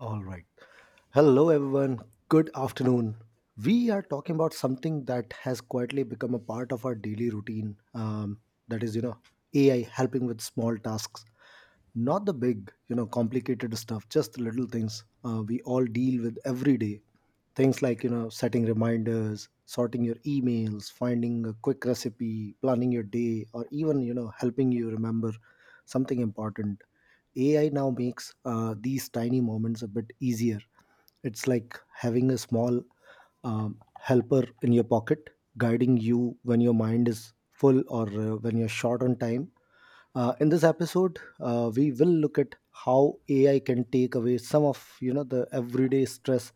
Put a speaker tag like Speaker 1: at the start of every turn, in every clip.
Speaker 1: All right. Hello, everyone. Good afternoon. We are talking about something that has quietly become a part of our daily routine. That is, AI helping with small tasks, not the big, complicated stuff, just the little things we all deal with every day. Things like, setting reminders, sorting your emails, finding a quick recipe, planning your day, or even, helping you remember something important. AI now makes these tiny moments a bit easier. It's like having a small helper in your pocket, guiding you when your mind is full or when you're short on time. In this episode, we will look at how AI can take away some of the everyday stress,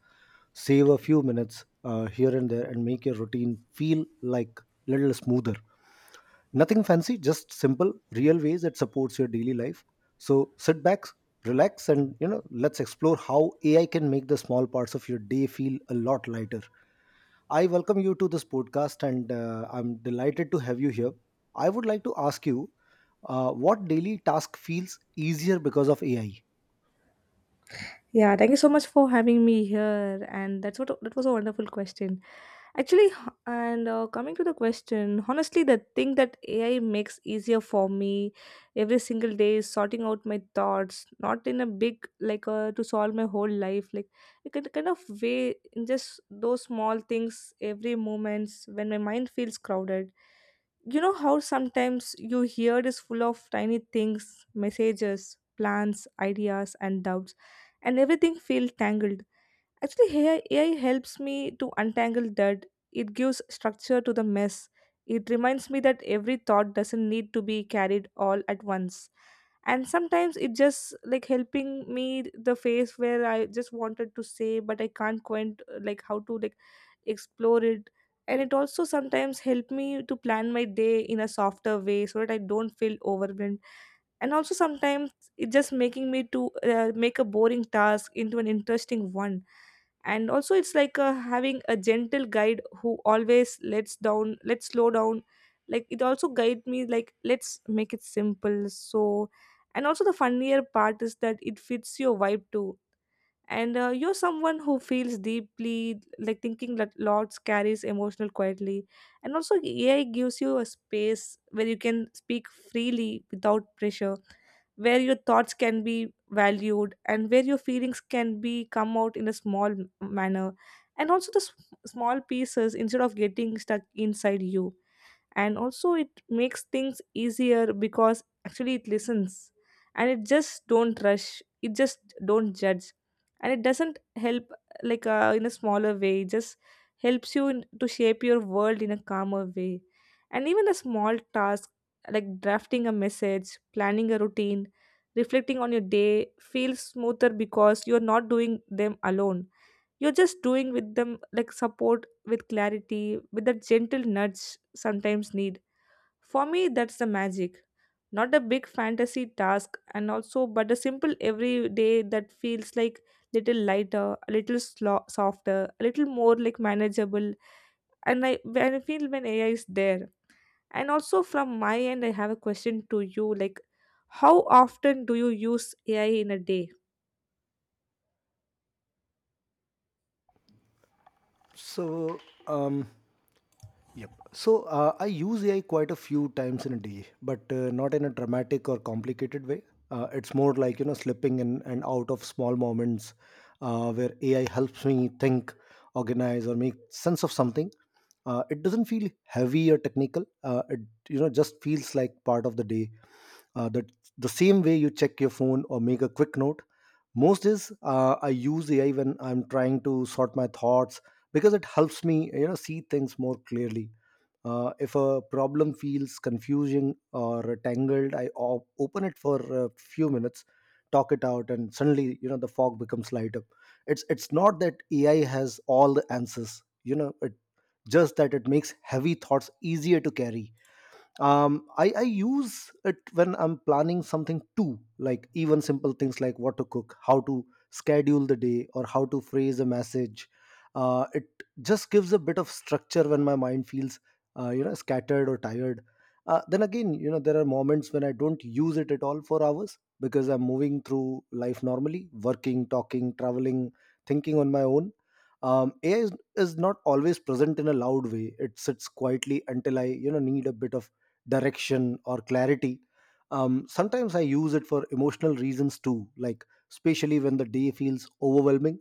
Speaker 1: save a few minutes here and there, and make your routine feel like little smoother. Nothing fancy, just simple, real ways that supports your daily life. So sit back, relax, and let's explore how AI can make the small parts of your day feel a lot lighter. I welcome you to this podcast, and I'm delighted to have you here. I would like to ask you, what daily task feels easier because of AI?
Speaker 2: Yeah, thank you so much for having me here, and that was a wonderful question. Actually, and coming to the question, honestly, the thing that AI makes easier for me every single day is sorting out my thoughts, not in a big like to solve my whole life, like it can kind of way, in just those small things, every moments when my mind feels crowded. You know how sometimes you hear is full of tiny things, messages, plans, ideas, and doubts, and everything feels tangled. Actually, AI helps me to untangle that. It gives structure to the mess. It reminds me that every thought doesn't need to be carried all at once. And sometimes it just like helping me the phase where I just wanted to say, but I can't quite like how to like explore it. And it also sometimes help me to plan my day in a softer way, so that I don't feel overwhelmed, and also sometimes it's just making me to make a boring task into an interesting one. And also it's like having a gentle guide who always lets down let's slow down, like it also guide me like let's make it simple. So and also the funnier part is that it fits your vibe too, and you're someone who feels deeply, like thinking that lots carries emotional quietly. And also AI gives you a space where you can speak freely without pressure, where your thoughts can be valued, and where your feelings can be come out in a small manner, and also the small pieces instead of getting stuck inside you. And also it makes things easier because actually it listens, and it just don't rush, it just don't judge. And it doesn't help, like in a smaller way it just helps you to shape your world in a calmer way. And even a small task like drafting a message, planning a routine, reflecting on your day feels smoother because you're not doing them alone. You're just doing with them like support, with clarity, with that gentle nudge sometimes need. For me, that's the magic. Not a big fantasy task and also, but a simple everyday that feels like little lighter, a little softer, a little more like manageable. And I, when I feel, when AI is there. And also from my end, I have a question to you, like, how often do you use AI in a day?
Speaker 1: So, um, Yep. So I use AI quite a few times in a day, but not in a dramatic or complicated way. It's more like slipping in and out of small moments where AI helps me think, organize, or make sense of something. It doesn't feel heavy or technical. It just feels like part of the day that the same way you check your phone or make a quick note most is I use AI when I'm trying to sort my thoughts, because it helps me see things more clearly. If a problem feels confusing or tangled, I open it for a few minutes, talk it out, and suddenly the fog becomes lighter. It's not that AI has all the answers, you know it just that it makes heavy thoughts easier to carry. I use it when I'm planning something too, like even simple things, like what to cook, how to schedule the day, or how to phrase a message. It just gives a bit of structure when my mind feels scattered or tired. Then again, there are moments when I don't use it at all for hours, because I'm moving through life normally, working, talking, traveling, thinking on my own. AI is not always present in a loud way. It sits quietly until I need a bit of direction or clarity. Sometimes I use it for emotional reasons too, like especially when the day feels overwhelming.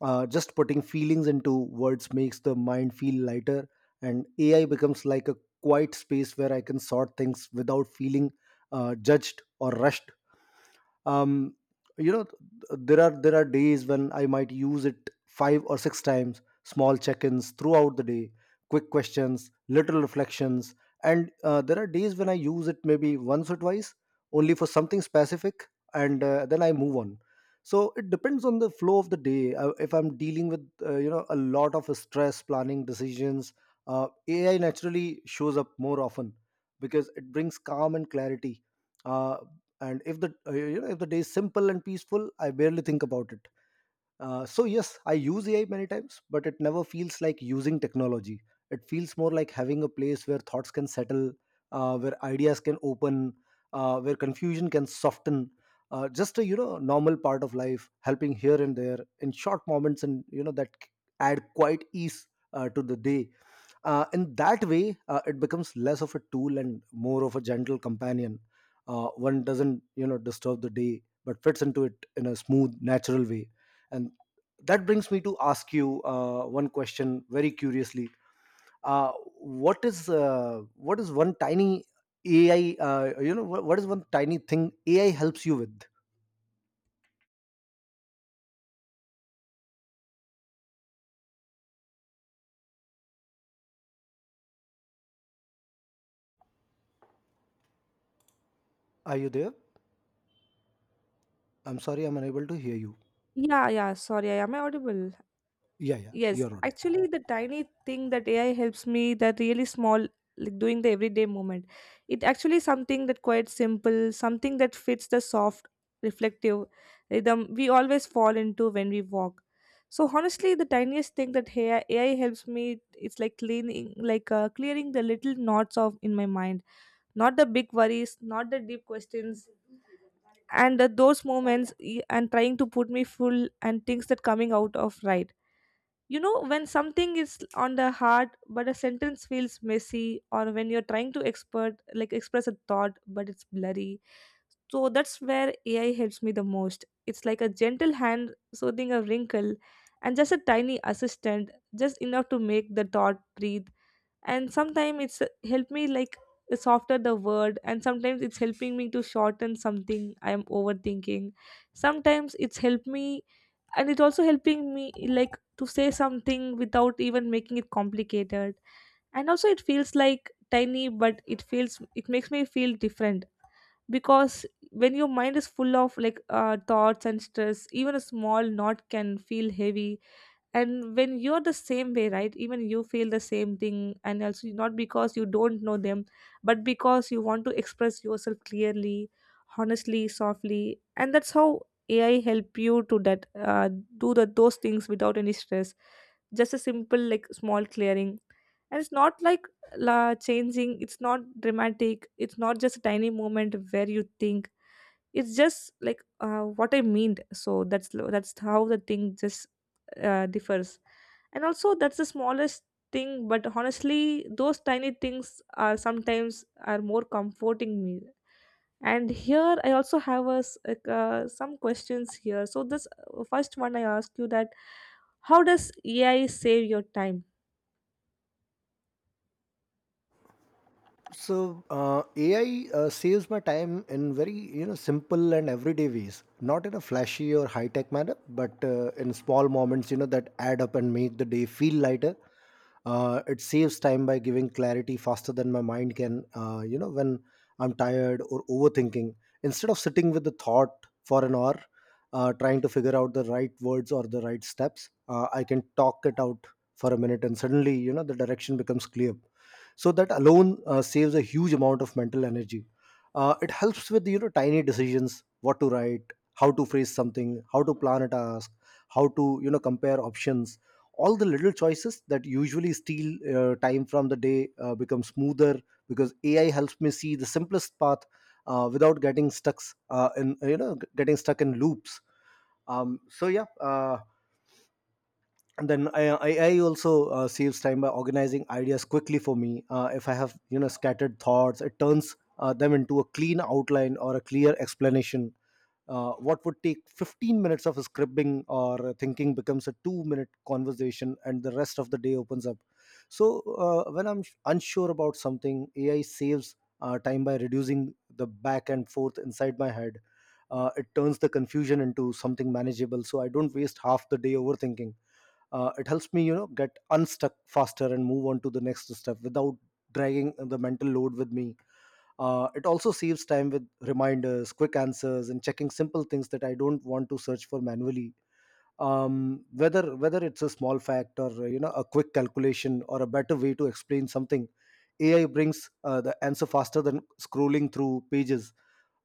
Speaker 1: Just putting feelings into words makes the mind feel lighter, and AI becomes like a quiet space where I can sort things without feeling judged or rushed. um, you know there are days when I might use it five or six times, small check-ins throughout the day, quick questions, little reflections. And there are days when I use it maybe once or twice, only for something specific, and then I move on. So it depends on the flow of the day. If I'm dealing with a lot of stress, planning decisions, AI naturally shows up more often because it brings calm and clarity. Uh, and if the if the day is simple and peaceful, I barely think about it. So yes, I use AI many times, but it never feels like using technology. It feels more like having a place where thoughts can settle, where ideas can open, where confusion can soften. Just a normal part of life, helping here and there in short moments, and add quite ease to the day. In that way, it becomes less of a tool and more of a gentle companion. One doesn't disturb the day, but fits into it in a smooth, natural way. And that brings me to ask you one question very curiously. Uh, what is uh, what is one tiny ai you know what is one tiny thing AI helps you with? Are you there? I'm sorry, I'm unable to hear you.
Speaker 2: Yeah, yeah, sorry, I audible?
Speaker 1: Yeah, yeah,
Speaker 2: Yes,
Speaker 1: you're audible.
Speaker 2: actually, the tiny thing that AI helps me, that really small, like doing the everyday moment, it actually something that quite simple, something that fits the soft, reflective rhythm we always fall into when we walk. So honestly, the tiniest thing that AI helps me, it's like cleaning, like clearing the little knots of in my mind, not the big worries, not the deep questions. And those moments, and trying to put me full and things that coming out of right, you know, when something is on the heart but a sentence feels messy, or when you're trying to expert like express a thought but it's blurry. So that's where AI helps me the most. It's like a gentle hand soothing a wrinkle, and just a tiny assistant, just enough to make the thought breathe. And sometimes it's help me like softer the word, and sometimes it's helping me to shorten something I am overthinking. Sometimes it's helped me, and it's also helping me like to say something without even making it complicated. And also it feels like tiny, but it feels it makes me feel different, because when your mind is full of like thoughts and stress, even a small knot can feel heavy, and when you're the same way, right, even you feel the same thing. And also not because you don't know them, but because you want to express yourself clearly, honestly, softly. And that's how AI help you to that, do those things without any stress, just a simple like small clearing. And it's not like la changing, it's not dramatic, it's not just a tiny moment where you think it's just like what I meant. So that's how the thing just differs. And also that's the smallest thing, but honestly those tiny things are sometimes are more comforting me. And here I also have some questions here, so this first one I ask you that, how does AI save your time?
Speaker 1: So ai saves my time in very simple and everyday ways, not in a flashy or high tech manner, but in small moments that add up and make the day feel lighter. It saves time by giving clarity faster than my mind can. When I'm tired or overthinking, instead of sitting with the thought for an hour, trying to figure out the right words or the right steps, I can talk it out for a minute and suddenly the direction becomes clear. So that alone saves a huge amount of mental energy. It helps with tiny decisions, what to write, how to phrase something, how to plan a task, how to compare options. All the little choices that usually steal time from the day become smoother, because AI helps me see the simplest path without getting stuck in you know getting stuck in loops. Um, so yeah, uh, AI also saves time by organizing ideas quickly for me. If I have scattered thoughts, it turns them into a clean outline or a clear explanation. What would take 15 minutes of scribbling or thinking becomes a 2 minute conversation, and the rest of the day opens up. So when I'm unsure about something, AI saves time by reducing the back and forth inside my head. It turns the confusion into something manageable, so I don't waste half the day overthinking. It helps me get unstuck faster and move on to the next step without dragging the mental load with me. It also saves time with reminders, quick answers, and checking simple things that I don't want to search for manually. Whether it's a small fact or a quick calculation or a better way to explain something, AI brings the answer faster than scrolling through pages.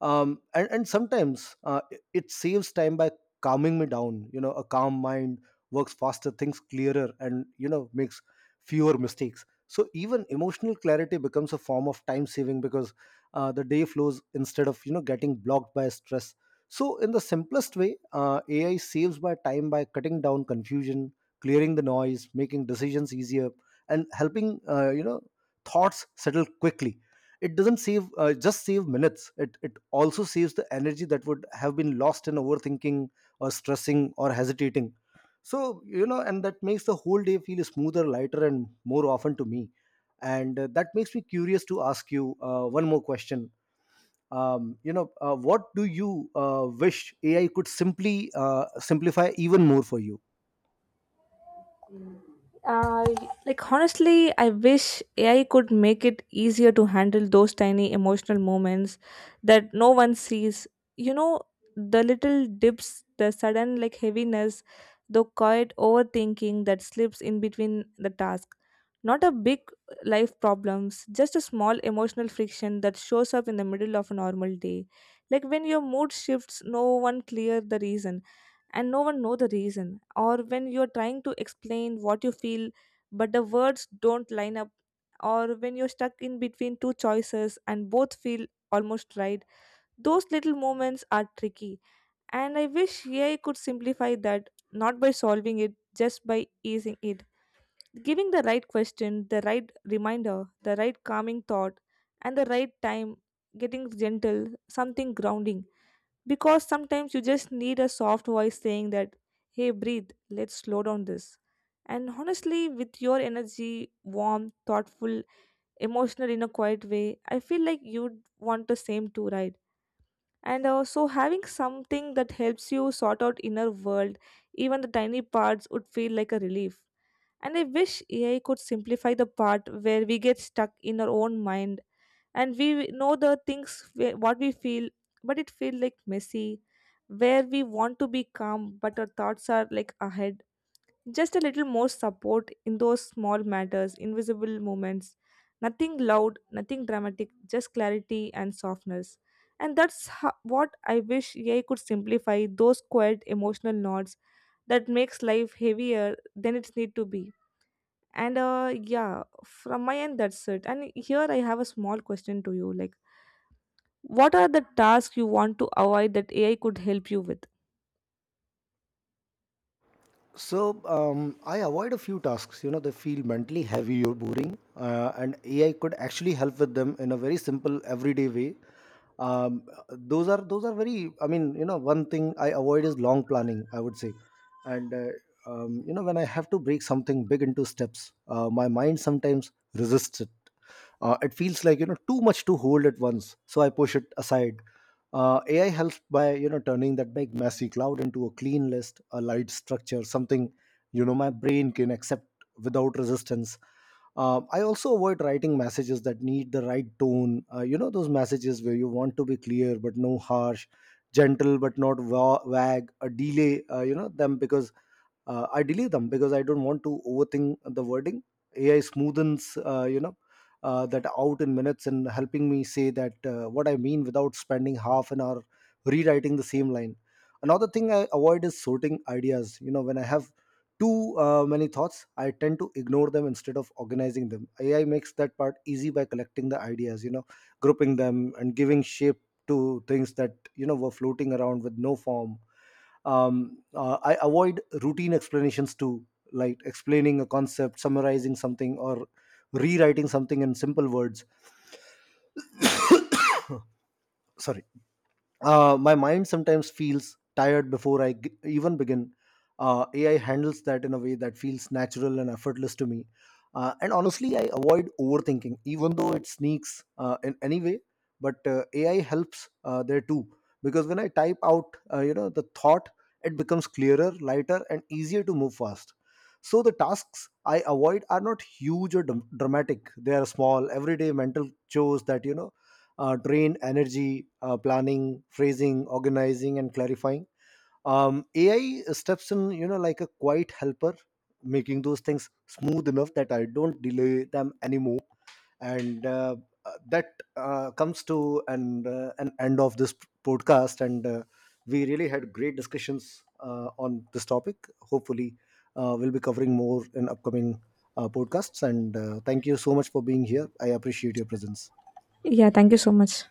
Speaker 1: And sometimes it saves time by calming me down. A calm mind works faster, thinks clearer, and makes fewer mistakes. So even emotional clarity becomes a form of time saving, because the day flows instead of getting blocked by stress. So, in the simplest way, AI saves my time by cutting down confusion, clearing the noise, making decisions easier, and helping thoughts settle quickly. It doesn't save just save minutes. It also saves the energy that would have been lost in overthinking or stressing or hesitating. So and that makes the whole day feel smoother, lighter, and more often to me. And that makes me curious to ask you one more question. What do you wish AI could simply simplify even more for you?
Speaker 2: Uh, like honestly, I wish AI could make it easier to handle those tiny emotional moments that no one sees. You know, the little dips, the sudden like heaviness, the quiet overthinking that slips in between the task. Not a big life problems, just a small emotional friction that shows up in the middle of a normal day. Like when your mood shifts, no one clear the reason and no one know the reason, or when you're trying to explain what you feel but the words don't line up, or when you're stuck in between two choices and both feel almost right. Those little moments are tricky, and I wish AI could simplify that, not by solving it, just by easing it, giving the right question, the right reminder, the right calming thought, and the right time, getting gentle, something grounding. Because sometimes you just need a soft voice saying that, hey, breathe, let's slow down this. And honestly, with your energy, warm, thoughtful, emotional in a quiet way, I feel like you'd want the same too, right? And so having something that helps you sort out inner world, even the tiny parts, would feel like a relief. And I wish AI could simplify the part where we get stuck in our own mind, and we know the things what we feel, but it feels like messy, where we want to be calm but our thoughts are like ahead. Just a little more support in those small matters, invisible moments, nothing loud, nothing dramatic, just clarity and softness. And that's what I wish AI could simplify, those quiet emotional knots that makes life heavier than it need to be. And yeah, from my end, that's it. And here I have a small question to you, like, what are the tasks you want to avoid that AI could help you with?
Speaker 1: So I avoid a few tasks, they feel mentally heavy or boring, and AI could actually help with them in a very simple, everyday way. Those are very. I mean, you know, one thing I avoid is long planning, I would say. And When I have to break something big into steps, my mind sometimes resists it. It feels like too much to hold at once, so I push it aside. AI helps by turning that big messy cloud into a clean list, a light structure, something my brain can accept without resistance. I also avoid writing messages that need the right tone. Those messages where you want to be clear but no harsh, gentle but not wag a delay, you know them because I delete them because I don't want to overthink the wording. AI smoothens uh, you know that out in minutes and helping me say that what I mean without spending half an hour rewriting the same line. Another thing I avoid is sorting ideas. When I have too many thoughts, I tend to ignore them instead of organizing them. AI makes that part easy by collecting the ideas, grouping them and giving shape to things that were floating around with no form. I avoid routine explanations too, like explaining a concept, summarizing something, or rewriting something in simple words. Sorry. My mind sometimes feels tired before even begin. AI handles that in a way that feels natural and effortless to me. And honestly, I avoid overthinking, even though it sneaks in any way. But AI helps there too, because when I type out, the thought, it becomes clearer, lighter, and easier to move fast. So the tasks I avoid are not huge or dramatic. They are small, everyday mental chores that drain energy, planning, phrasing, organizing, and clarifying. AI steps in, like a quiet helper, making those things smooth enough that I don't delay them anymore. And that comes to an end of this podcast, and we really had great discussions on this topic. Hopefully we'll be covering more in upcoming podcasts. And thank you so much for being here, I appreciate your presence.
Speaker 2: Yeah, thank you so much.